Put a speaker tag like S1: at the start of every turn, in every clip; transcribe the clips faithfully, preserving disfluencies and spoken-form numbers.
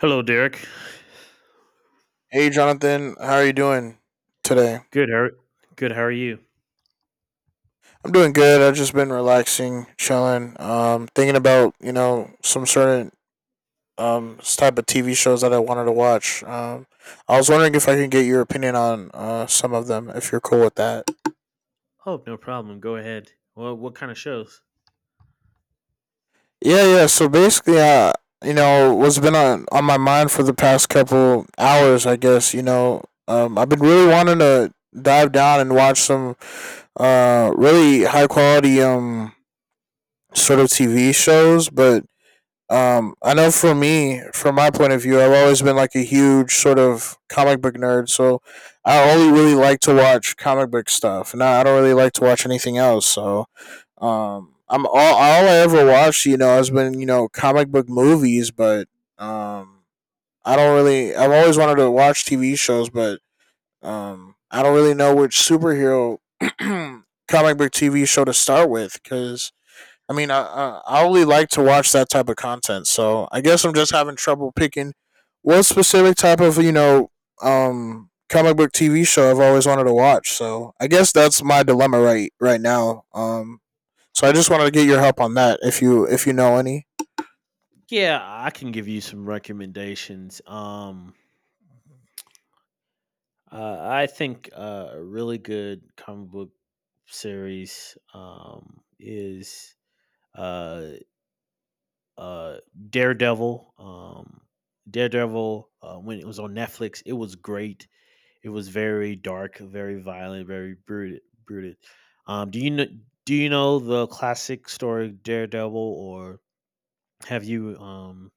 S1: Hello, Derek.
S2: Hey, Jonathan, how are you doing today?
S1: Good. How good? How are you?
S2: I'm doing good. I've just been relaxing, chilling, um, thinking about you know some certain um s- type of T V shows that I wanted to watch. Um, I was wondering if I could get your opinion on uh some of them, if you're cool with that.
S1: Oh, no problem. Go ahead. Well, what kind of shows?
S2: Yeah, yeah. So basically, uh, you know, what's been on on my mind for the past couple hours, I guess. You know, um, I've been really wanting to dive down and watch some uh really high quality um sort of T V shows, but Um, I know for me, from my point of view, I've always been like a huge sort of comic book nerd, so I only really like to watch comic book stuff, and I I don't really like to watch anything else. So, um, I'm all all I ever watched, you know, has been you know comic book movies, but um, I don't really. I've always wanted to watch T V shows, but um, I don't really know which superhero comic book T V show to start with because I mean, I, I I only like to watch that type of content, so I guess I'm just having trouble picking what specific type of you know um comic book T V show I've always wanted to watch. So I guess that's my dilemma right right now. Um, so I just wanted to get your help on that if you if you know any.
S1: Yeah, I can give you some recommendations. Um, uh, I think uh, a really good comic book series um, is uh, uh, Daredevil. Um, Daredevil. Uh, when it was on Netflix, it was great. It was very dark, very violent, very brutal. brutal. Um, do you know? Do you know the classic story Daredevil, or have you um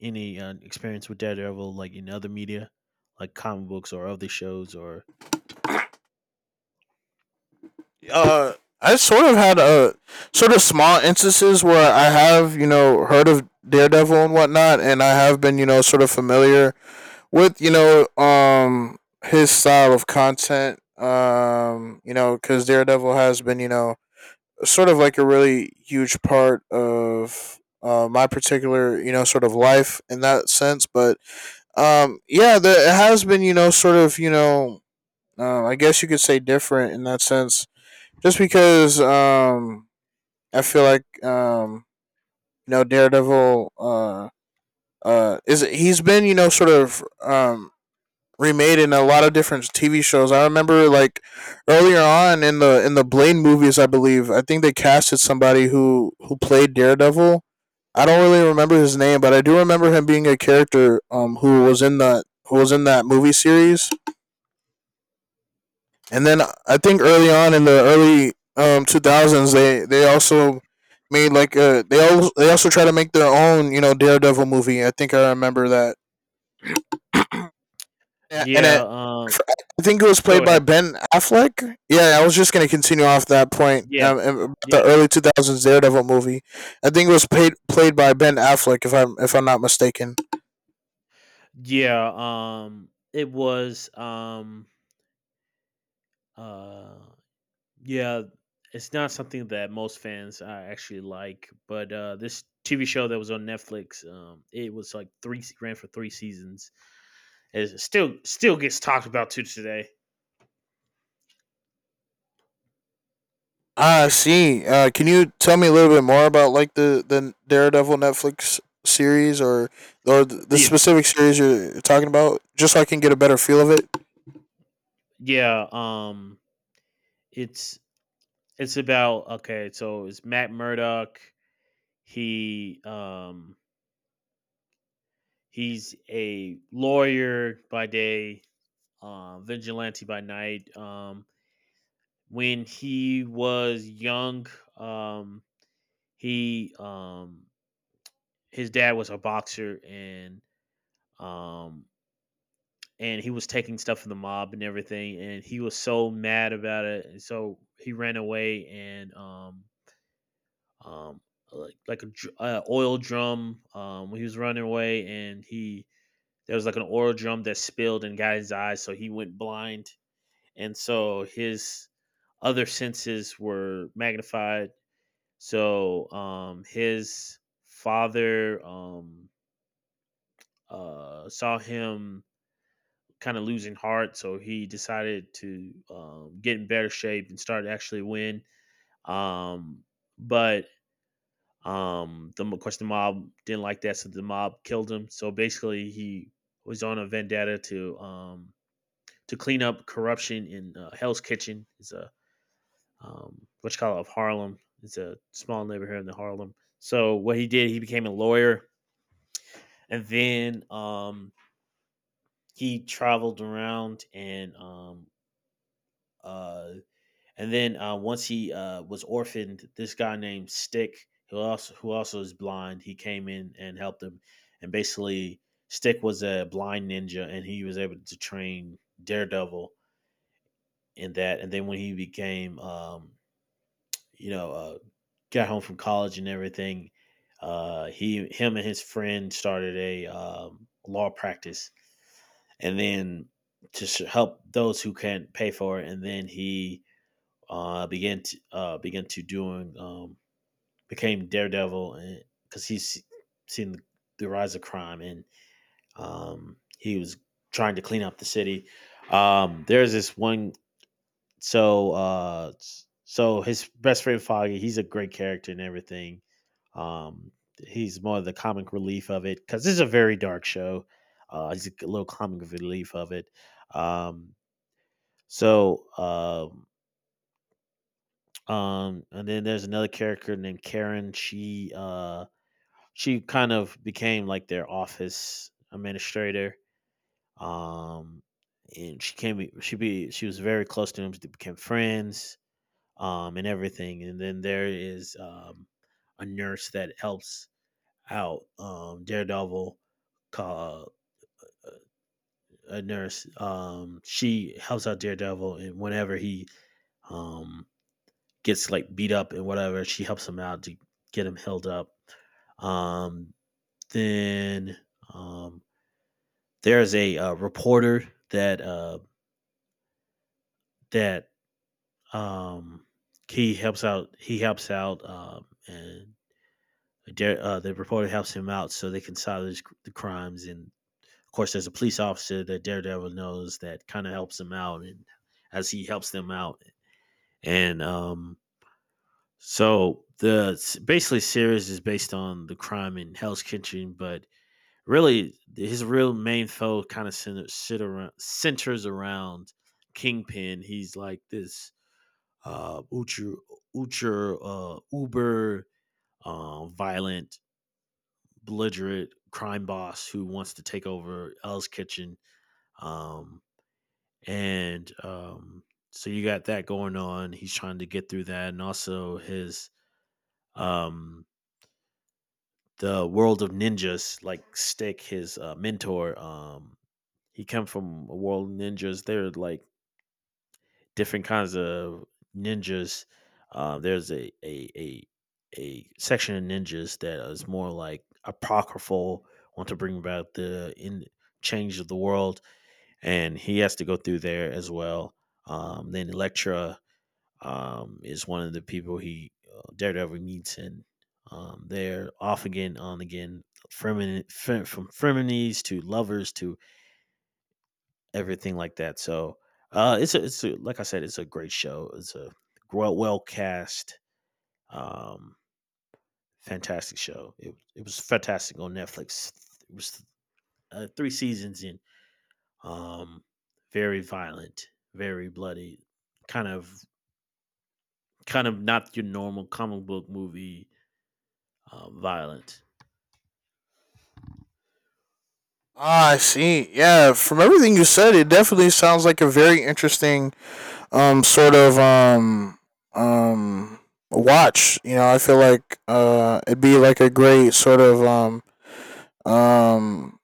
S1: any uh, experience with Daredevil, like in other media, like comic books or other shows, or?
S2: uh, I sort of had a sort of small instances where I have you know heard of Daredevil and whatnot, and I have been you know sort of familiar with you know um his style of content. Um, you know, because Daredevil has been you know sort of like a really huge part of uh, my particular you know sort of life in that sense. But um, yeah, the, it has been you know sort of you know uh, I guess you could say different in that sense just because um I feel like um you know Daredevil uh uh is he's been you know sort of um remade in a lot of different T V shows. I remember like earlier on in the in the Blade movies, I believe I think they casted somebody who who played Daredevil. I don't really remember his name, but I do remember him being a character um who was in the who was in that movie series. And then I think early on in the early um two thousands, they they also made like a they also they also try to make their own you know Daredevil movie. I think I remember that. Yeah, And
S1: Yeah.
S2: it,
S1: Um.
S2: I think it was
S1: Go
S2: played by
S1: ahead.
S2: Ben Affleck. Yeah, I was just gonna continue off that point.
S1: Yeah.
S2: Um, about the
S1: Yeah.
S2: early two thousands Daredevil movie. I think it was played played by Ben Affleck, if I'm if I'm not mistaken.
S1: Yeah. Um. It was. Um. Uh. Yeah, it's not something that most fans uh, actually like, but uh, this T V show that was on Netflix, um, it was like three ran for three seasons. It still still gets talked about to today.
S2: Ah, I see. Uh, can you tell me a little bit more about like the, the Daredevil Netflix series or or the
S1: Yeah,
S2: specific series you're talking about, just so I can get a better feel of it?
S1: yeah. Um, it's it's about okay. So it's Matt Murdock. He um he's a lawyer by day, uh, vigilante by night. Um, when he was young, um, He um his dad was a boxer, and um and he was taking stuff from the mob and everything, and he was so mad about it, and so he ran away, and um um like like a uh, oil drum um when he was running away, and he there was like an oil drum that spilled and got his eyes, so he went blind, and so his other senses were magnified. So um his father um uh, saw him kind of losing heart, so he decided to um, get in better shape and start to actually win. Um, but um, The of course the mob didn't like that, so the mob killed him. So basically, he was on a vendetta to um, to clean up corruption in uh, Hell's Kitchen. It's a um, what you call it of Harlem. It's a small neighborhood in the Harlem. So what he did, he became a lawyer, and then um, he traveled around, and um, Uh, and then uh, once he uh, was orphaned, this guy named Stick, who also who also is blind, he came in and helped him. And basically, Stick was a blind ninja, and he was able to train Daredevil in that. And then when he became, um, you know, uh, got home from college and everything, uh, he, him and his friend, started a um, law practice, and then to help those who can't pay for it. And then he uh, began to, uh, began to doing um, became Daredevil, and because he's seen the, the rise of crime, and um, he was trying to clean up the city. Um, there's this one, so uh, so His best friend Foggy, he's a great character and everything. Um, he's more of the comic relief of it because it's a very dark show. Uh, he's a little comic relief of it. Um, so uh, Um, and then there's another character named Karen. She uh she kind of became like their office administrator. Um, and she came she be she was very close to him. They became friends. Um, and everything. And then there is um a nurse that helps out um Daredevil. Called a nurse. Um, she helps out Daredevil, and whenever he um gets like beat up and whatever. She helps him out to get him held up. Um, then um, there's a uh, reporter that uh, that um, he helps out. He helps out, um, and uh, the reporter helps him out so they can solve the crimes. And of course, there's a police officer that Daredevil knows that kind of helps him out, and as he helps them out, and um, So the basically series is based on the crime in Hell's Kitchen, but really his real main foe kind of center, sit centers around Kingpin. He's like this uh, ultra ucher, uh, uber uh, violent, belligerent crime boss who wants to take over Hell's Kitchen. Um, and um, So you got that going on. He's trying to get through that, and also his um the world of ninjas like Stick, his uh, mentor. Um he came from a world of ninjas. There are like different kinds of ninjas. Uh, there's a, a a a section of ninjas that is more like apocryphal, want to bring about the in change of the world, and he has to go through there as well. Um, then Elektra, um, is one of the people he uh, Daredevil meets, and um, they're off again, on again, from from frenemies to lovers to everything like that. So uh, it's a, it's a, like I said, it's a great show. It's a well well cast, um, fantastic show. It it was fantastic on Netflix. It was uh, three seasons in. Um, very violent, very bloody, kind of kind of not your normal comic book movie uh, violent.
S2: Ah, I see. Yeah, from everything you said, it definitely sounds like a very interesting um sort of um um watch. You know, I feel like uh it'd be like a great sort of um um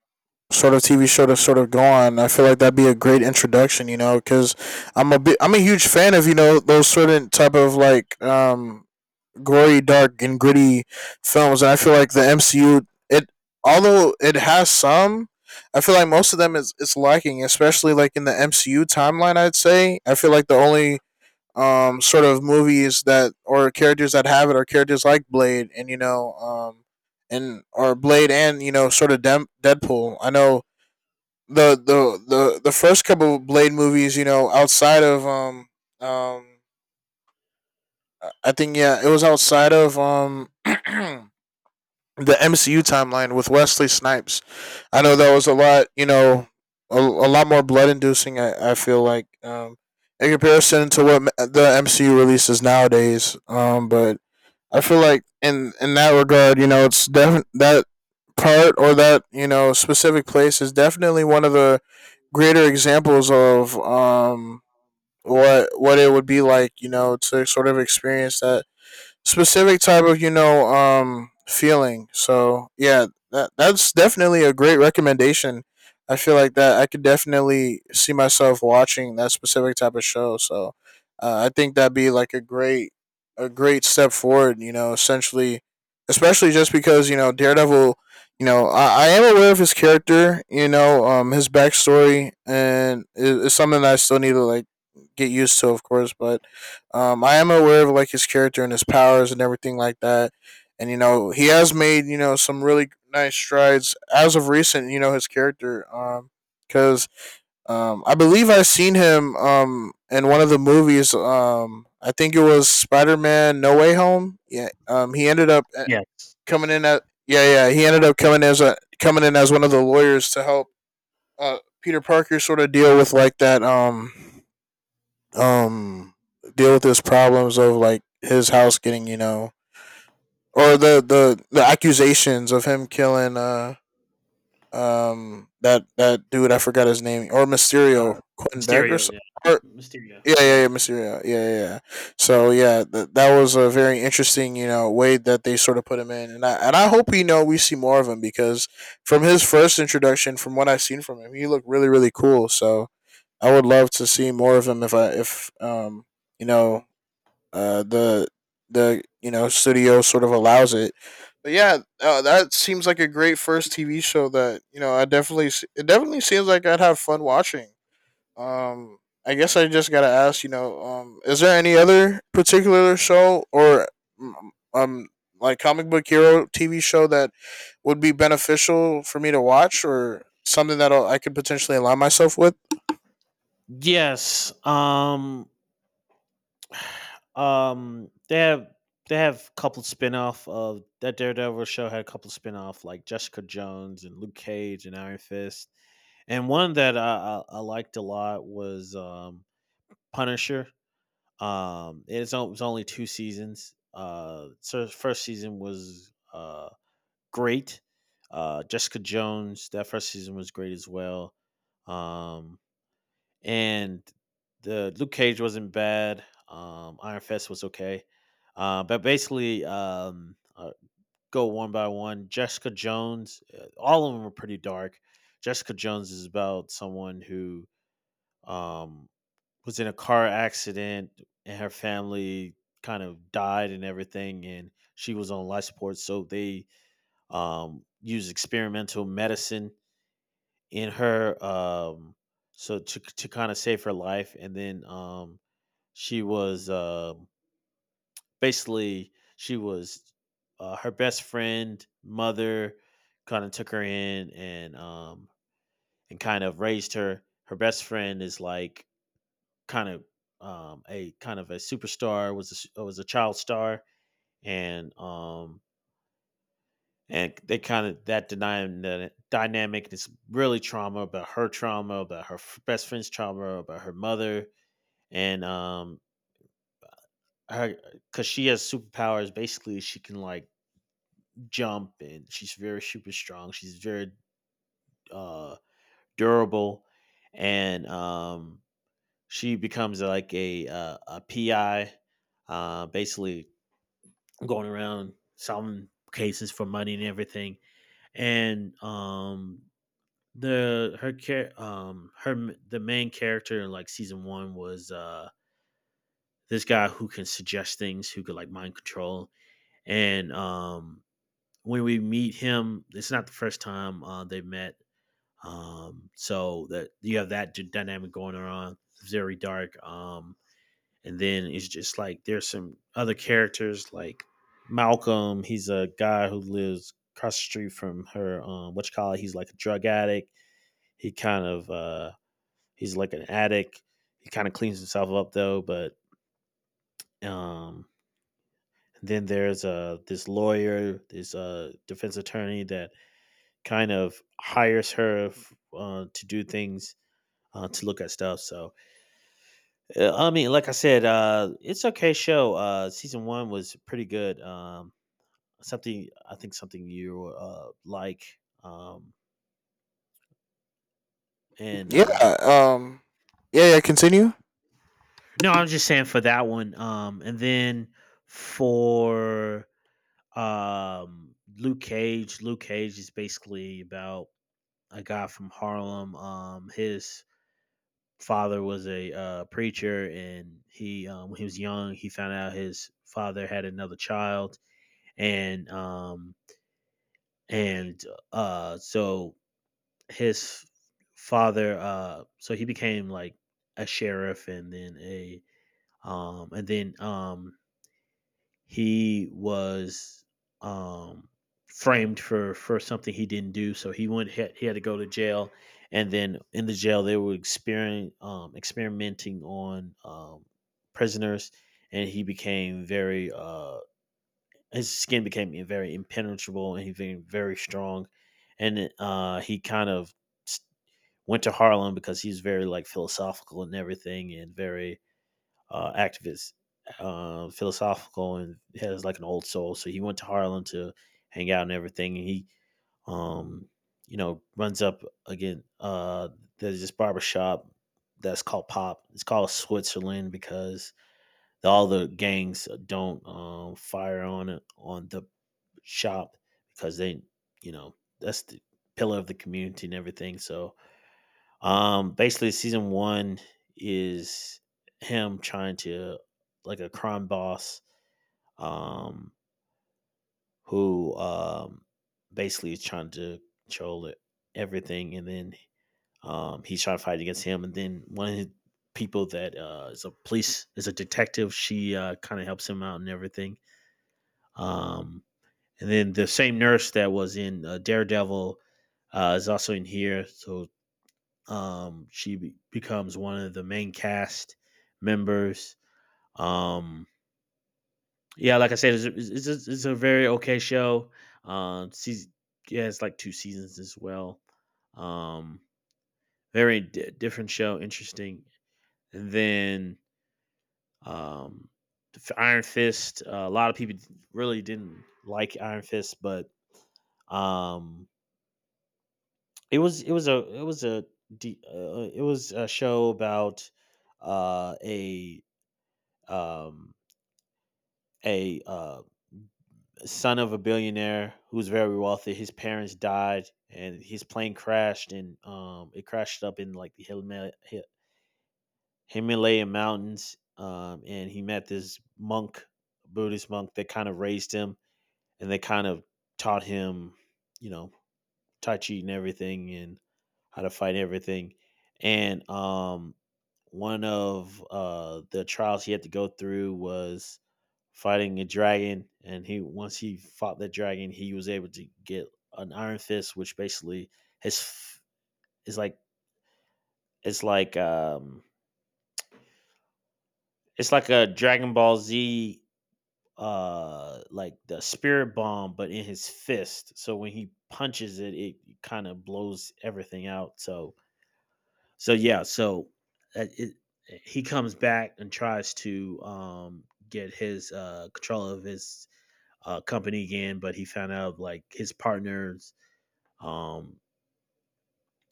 S2: sort of T V show to sort of go on. I feel like that'd be a great introduction, you know, because I'm a bit, I'm a huge fan of you know those certain type of like um gory, dark, and gritty films, and I feel like the M C U it although it has some. I feel like most of them is it's lacking, especially like in the M C U timeline. I'd say I feel like the only um sort of movies that or characters that have it are characters like Blade and you know um and or Blade and you know sort of Dem- Deadpool. I know the the the the first couple of Blade movies, you know, outside of um um I- think yeah, it was outside of um the M C U timeline with Wesley Snipes. I know that was a lot, you know, a, a lot more blood inducing. I I feel like um in comparison to what the M C U releases nowadays. Um, but I feel like in in that regard, you know, it's def- that part or that you know specific place is definitely one of the greater examples of um what what it would be like, you know, to sort of experience that specific type of you know um feeling. So yeah, that that's definitely a great recommendation. I feel like that I could definitely see myself watching that specific type of show. So uh, I think that'd be like a great a great step forward. You know, essentially, especially just because you know Daredevil. You know, I, I am aware of his character. You know, um, his backstory, and it, it's something that I still need to like get used to, of course. But um, I am aware of like his character and his powers and everything like that, and you know he has made you know some really nice strides as of recent. You know his character, um, because um, I believe I've seen him um in one of the movies. Um, I think it was Spider Man No Way Home. Yeah. Um, he ended up uh, coming in at yeah yeah he ended up coming as a coming in as one of the lawyers to help uh Peter Parker sort of deal with like that um um deal with his problems of like his house getting you know or the the the accusations of him killing uh um that that dude I forgot his name, or Mysterio,
S1: Uh,
S2: Quentin Beck, or,
S1: Mysterio,
S2: some-
S1: yeah.
S2: or
S1: Mysterio,
S2: yeah yeah
S1: yeah.
S2: yeah Mysterio yeah yeah, yeah. So yeah, th- that was a very interesting you know way that they sort of put him in, and I and I hope you know we see more of him because from his first introduction, from what I've seen from him, he looked really really cool, so I would love to see more of him if I if um you know uh, the the you know studio sort of allows it. But yeah, uh, that seems like a great first T V show that you know I definitely s- it definitely seems like I'd have fun watching. Um, I guess I just gotta ask, you know, um, is there any other particular show or mm, mm, um like comic book hero T V show that would be beneficial for me to watch or something that I could potentially align myself with?
S1: Yes. Um. Um. They have they have a couple spin-off of that Daredevil show had a couple spin-off like Jessica Jones and Luke Cage and Iron Fist. And one that I, I, I liked a lot was um, Punisher. Um, it's, o- it was only two seasons. Uh, so the first season was uh, great. Uh, Jessica Jones, that first season was great as well. Um, and The Luke Cage wasn't bad. Um, Iron Fist was okay. Uh, but basically, um, uh, Go one by one. Jessica Jones, uh, all of them were pretty dark. Jessica Jones is about someone who um, was in a car accident, and her family kind of died and everything, and she was on life support. So they um, used experimental medicine in her, um, so to to kind of save her life, and then um, she was um basically she was uh, her best friend mother kind of took her in, and um, and kind of raised her. Her best friend is like kind of um, a kind of a superstar, was a, s- was a child star, and um, and they kind of that denying dynamic is really trauma about her, trauma about her best friend's, trauma about her mother, and um her, because she has superpowers. Basically she can like jump, and she's very super strong, she's very uh durable, and um she becomes like a uh, a pi uh basically going around solving cases for money and everything. And um the her care um her m- the main character in like season one was uh this guy who can suggest things, who could like mind control. And um When we meet him, it's not the first time uh they've met. Um so that you have that d- dynamic going on. It's very dark. Um and then it's just like there's some other characters like Malcolm. He's a guy who lives across the street from her. Um what you call it, he's like a drug addict. He kind of uh He's like an addict. He kind of cleans himself up though, but um then there's uh this lawyer, this uh defense attorney that kind of hires her uh, to do things, uh, to look at stuff. So uh, I mean, like I said, uh it's okay show. Uh, season one was pretty good. Um something I think something you uh like. Um and
S2: Yeah.
S1: uh
S2: Um. Yeah. Yeah. Continue.
S1: No, I'm just saying for that one. Um and then for Um, Luke Cage. Luke Cage is basically about a guy from Harlem. Um, his father was a uh, preacher, and he um, when he was young, he found out his father had another child, and um, and uh, so his father, uh, so he became like a sheriff, and then a um, and then um, he was um, framed for for something he didn't do. So he went he had to go to jail, and then in the jail they were experiment, um, experimenting on um, prisoners, and he became very uh, his skin became very impenetrable, and he became very strong, and uh, he kind of went to Harlem because he's very like philosophical and everything, and very uh, activist, uh, philosophical, and has like an old soul. So he went to Harlem to hang out and everything. And he, um, you know, runs up again. Uh, there's this barbershop that's called Pop. It's called Switzerland because all the gangs don't um, fire on on the shop because they, you know, that's the pillar of the community and everything. So um, basically, season one is him trying to like a crime boss, um, who um basically is trying to control it, everything, and then um he's trying to fight against him, and then one of his people that uh is a police is a detective. She uh kind of helps him out and everything. Um, and then the same nurse that was in uh, Daredevil uh, is also in here. So Um, she be- becomes one of the main cast members. Um, yeah, like I said, it's, it's, it's, it's a very okay show. Um, season, yeah, it's like two seasons as well. Um, very di different show, interesting. And then um, Iron Fist. Uh, a lot of people really didn't like Iron Fist, but um, it was it was a it was a de- uh, it was a show about uh, a um, a uh, son of a billionaire who's very wealthy. His parents died, and his plane crashed, and um, it crashed up in like the Himal- Hi- Himalayan mountains. Um, and he met this monk, Buddhist monk, that kind of raised him, and they kind of taught him, you know, tai chi and everything, and how to fight everything. And um, one of uh, the trials he had to go through was fighting a dragon, and he once he fought that dragon, he was able to get an iron fist, which basically his is like it's like um it's like a Dragon Ball Z uh like the spirit bomb, but in his fist. So when he punches it, it kind of blows everything out. So so yeah, so uh, it, he comes back and tries to um get his uh control of his uh, company again, but he found out like his partners, um,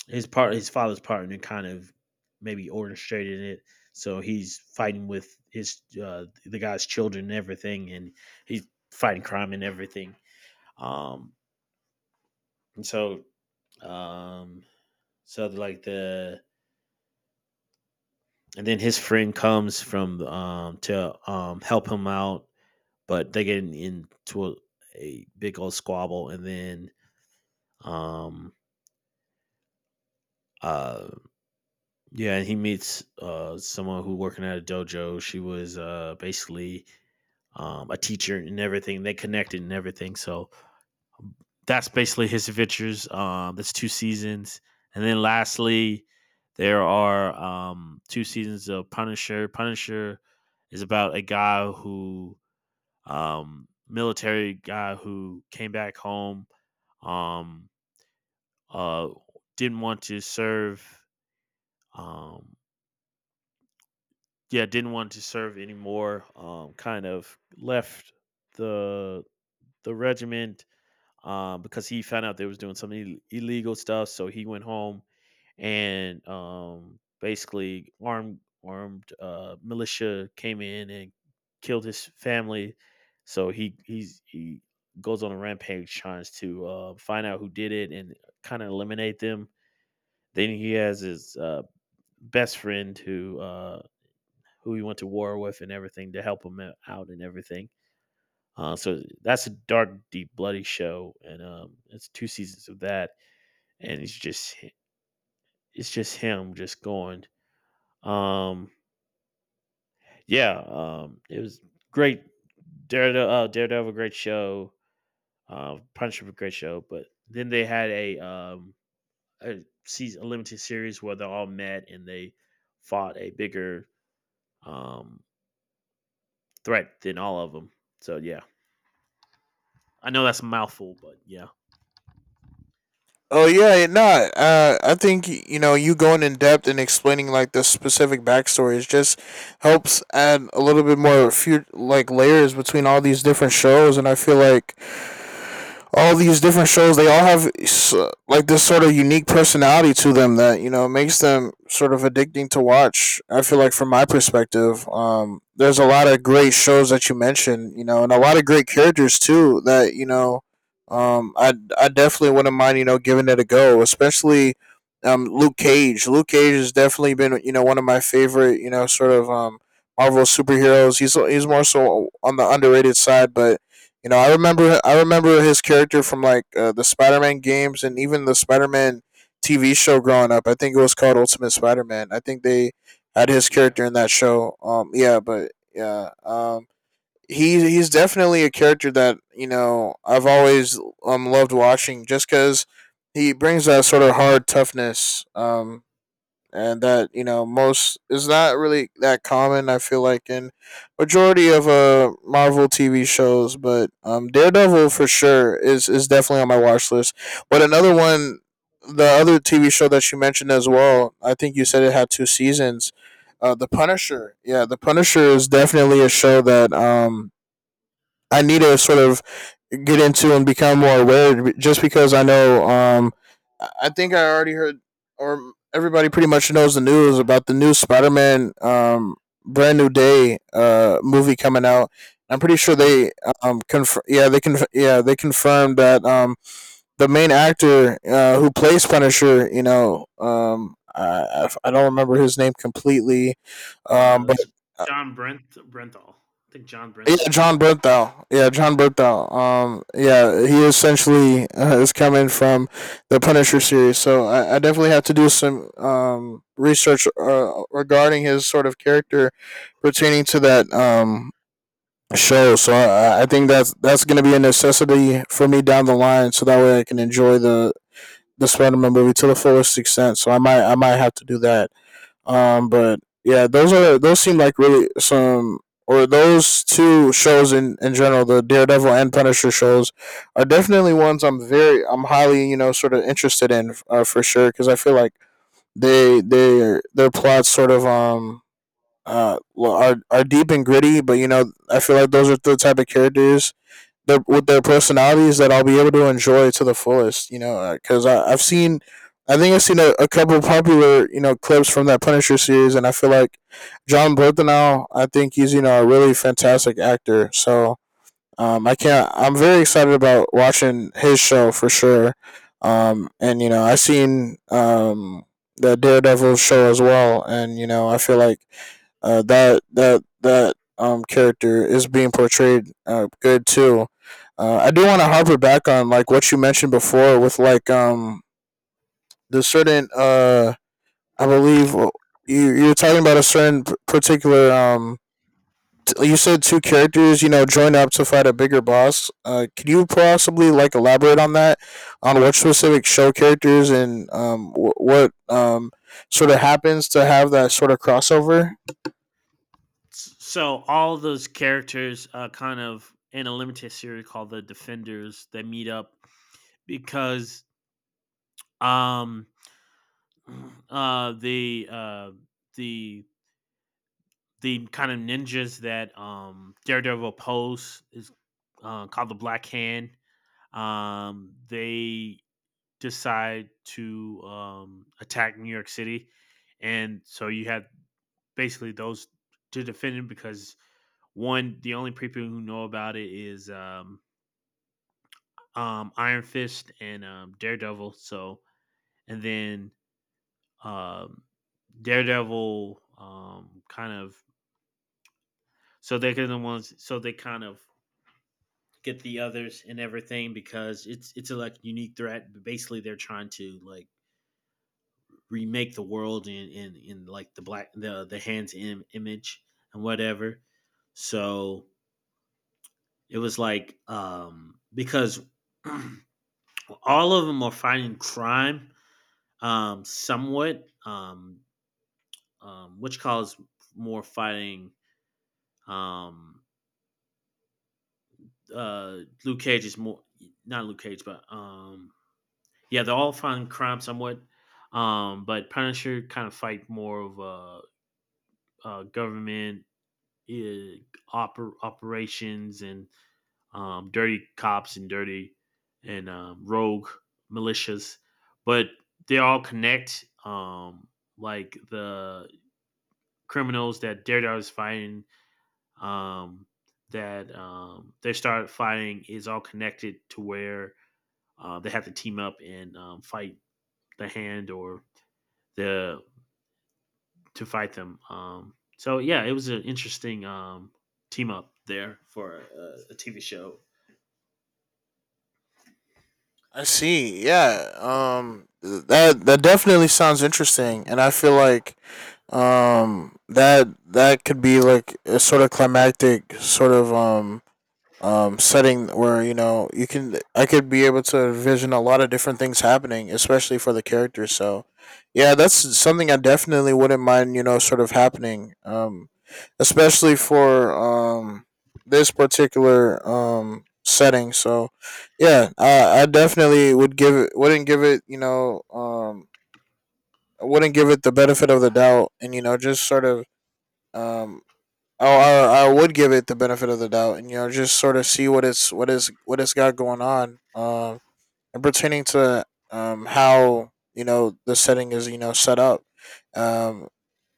S1: his part, his father's partner, kind of maybe orchestrated it. So he's fighting with his uh, the guy's children and everything, and he's fighting crime and everything. Um, and so, um, so like the And then his friend comes from um to um help him out, but they get into a, a big old squabble, and then um uh yeah, and he meets uh someone who working at a dojo. She was uh basically um a teacher and everything. They connected and everything. So that's basically his adventures. Um that's two seasons. And then lastly, there are um two seasons of Punisher. Punisher is about a guy who um military guy who came back home um uh didn't want to serve um yeah, didn't want to serve anymore. Um, kind of left the the regiment, um, because he found out they was doing some Ill- illegal stuff. So he went home and um, basically armed armed uh, militia came in and killed his family. So he he's he goes on a rampage trying to uh, find out who did it and kind of eliminate them. Then he has his uh, best friend who uh, who he went to war with and everything to help him out and everything. Uh, so that's a dark, deep, bloody show, and um, it's two seasons of that, and it's just it's just him just going. Um, yeah, um, it was great. Daredevil, uh, Daredevil, great show. Uh, Punisher, a great show. But then they had a um, a, season, a limited series where they all met and they fought a bigger um, threat than all of them. So yeah, I know that's a mouthful, but yeah.
S2: Oh yeah, it not. Uh, I think y- you know you going in depth and explaining like the specific backstories just helps add a little bit more few like layers between all these different shows, and I feel like all these different shows they all have like this sort of unique personality to them that you know makes them sort of addicting to watch. I feel like from my perspective um, there's a lot of great shows that you mentioned, you know, and a lot of great characters too that you know um, I, I definitely wouldn't mind you know giving it a go, especially um, luke cage luke cage has definitely been you know one of my favorite you know sort of um, Marvel superheroes. He's, he's more so on the underrated side, but you know, I remember I remember his character from like uh, the Spider-Man games and even the Spider-Man T V show growing up. I think it was called Ultimate Spider-Man. I think they had his
S1: Yeah.
S2: character in that show. Um, yeah, but yeah, um, he he's definitely a character that you know I've always um loved watching just because he brings that sort of hard toughness um and that you know most is not really that common. I feel like in majority of uh Marvel T V shows, but um Daredevil for sure is is definitely on my watch list. But another one, the other T V show that you mentioned as well, I think you said it had two seasons. Uh, The Punisher, yeah, The Punisher is definitely a show that um I need to sort of get into and become more aware. Just because I know, um, I- think I already heard, or everybody pretty much knows the news about the new Spider-Man, um, Brand New Day, uh, movie coming out. I'm pretty sure
S1: Yeah,
S2: they, um, conf- yeah, they conf- yeah, they confirmed that, um, the main actor, uh, who plays Punisher, you know, um, I, I I don't remember his name completely, um,
S1: uh,
S2: but
S1: it's John Brent Brenthal. I think John
S2: yeah,
S1: Brenthal. I
S2: John
S1: think.
S2: Berthel. Yeah, John Berthel. Um, yeah, he essentially uh, is coming from the Punisher series, so I, I definitely have to do some um, research uh, regarding his sort of character pertaining to that um, show. So I, I think that's that's going to be a necessity for me down the line, so that way I can enjoy the the Spider Man movie to the fullest extent. So I might I might have to do that. Um, but yeah, those are those seem like really some or those two shows in in general, the Daredevil and Punisher shows, are definitely ones I'm very I'm highly you know sort of interested in uh, for sure because I feel like they they their plots sort of um uh well, are are deep and gritty, but you know I feel like those are the type of characters their with their personalities that I'll be able to enjoy to the fullest. You know, because I've seen, I think I've seen a, a couple of popular you know clips from that Punisher series, and I feel like John Bernthal. I think he's you know a really fantastic actor. So um, I can't. I'm very excited about watching his show for sure. Um, and you know, I've seen um the Daredevil show as well, and you know, I feel like uh, that that that um character is being portrayed uh, good too. Uh, I do want to harper back on like what you mentioned before with like um the certain uh I believe uh, you you're talking about a certain p- particular um t- you said two characters, you know, join up to fight a bigger boss. Uh, could you possibly like elaborate on that, on what specific show characters and um, wh- what um, sort of happens to have that sort of crossover?
S1: So all those characters, uh, kind of in a limited series called the Defenders, they meet up because um, uh, the uh, the the kind of ninjas that um, Daredevil pose is uh, called the Black Hand. Um, they decide to um, attack New York City, and so you have basically those to defend him because one, the only people who know about it is um, um, Iron Fist and um, Daredevil. So, and then um, Daredevil, um, kind of so they're the ones so they kind of get the others and everything because it's it's a like unique threat. But basically, they're trying to like remake the world in in in like the black the the hands Im- image and whatever. So it was like um, because all of them are fighting crime um, somewhat. Um, um, which calls more fighting. Um, uh, Luke Cage is more not Luke Cage, but um, yeah, they're all fighting crime somewhat. Um, but Punisher kind of fight more of uh, uh government uh, oper- operations and um, dirty cops and dirty and um, rogue militias, but they all connect. Um, like the criminals that Daredevil is fighting, um, that um, they start fighting is all connected to where uh, they have to team up and um, fight the hand or the to fight them. Um, so yeah, it was an interesting um, team up there for a, a T V show.
S2: I see. Yeah. Um. That that definitely sounds interesting, and I feel like um that that could be like a sort of climactic sort of um um setting where you know you can I could be able to envision a lot of different things happening, especially for the characters. So yeah, that's something I definitely wouldn't mind, you know, sort of happening. Um especially for um this particular um setting. So yeah, I I definitely would give it wouldn't give it, you know, um I wouldn't give it the benefit of the doubt and you know just sort of um, oh, I, I would give it the benefit of the doubt, and you know, just sort of see what it's what is what it's got going on. Um, and pertaining to um how you know the setting is you know set up. Um,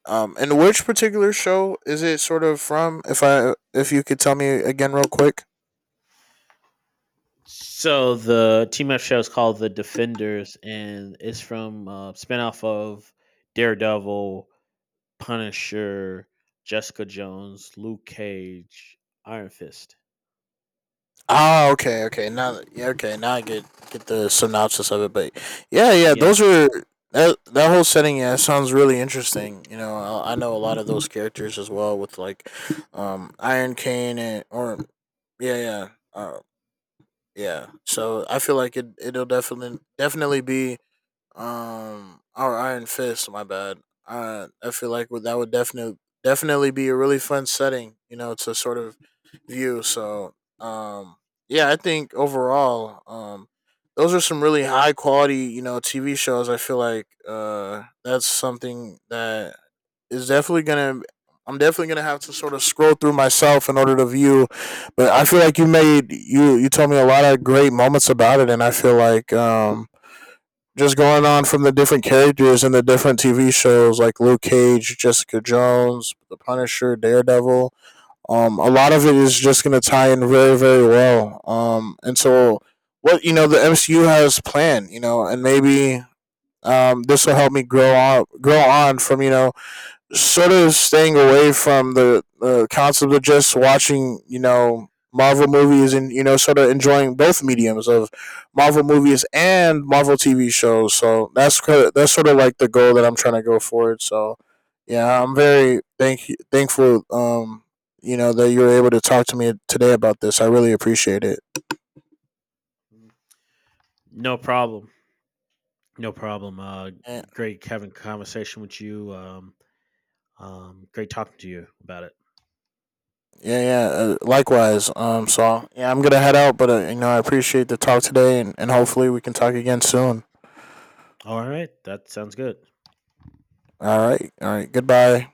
S2: um, and which particular show is it sort of from? If I if you could tell me again real quick.
S1: So the Team F show is called The Defenders, and it's from uh, spinoff of Daredevil, Punisher, Jessica Jones, Luke Cage, Iron Fist.
S2: Oh, okay, okay. Now, that- yeah, okay. Now I get get the synopsis of it, but yeah, yeah.
S1: Yeah,
S2: Those are that that whole setting. Yeah, sounds really interesting. You know, I, I know a lot of those characters as well with like, um, Iron Cane and or yeah, yeah, uh, yeah. So I feel like it it'll definitely definitely be um, or Iron Fist. My bad. I I feel like would- that would definitely definitely be a really fun setting, you know, to sort of view. So, um, yeah, I think overall, um, those are some really high quality, you know, T V shows. I feel like uh, that's something that is definitely gonna. I'm definitely gonna have to sort of scroll through myself in order to view, but I feel like you made you you told me a lot of great moments about it, and I feel like um just going on from the different characters in the different T V shows like Luke Cage, Jessica Jones, The Punisher, Daredevil. Um, a lot of it is just going to tie in very, very well. Um, and so what you know the M C U has planned, you know, and maybe um, this will help me grow on, grow on from you know sort of staying away from the uh, concept of just watching, you know, Marvel movies and you know, sort of enjoying both mediums of Marvel movies and Marvel T V shows. So that's that's sort of like the goal that I'm trying to go forward. So yeah, I'm very thank thankful, um, you know, that you were able to talk to me today about this. I really appreciate it.
S1: no problem, no problem. Uh,
S2: And-
S1: great having conversation with you. Um, um, great talking to you about it.
S2: Yeah, yeah. Uh, likewise. Um. So yeah, I'm gonna head out, but uh, you know, I appreciate the talk today, and, and hopefully we can talk again soon.
S1: All right, that sounds good.
S2: All right. All right. Goodbye.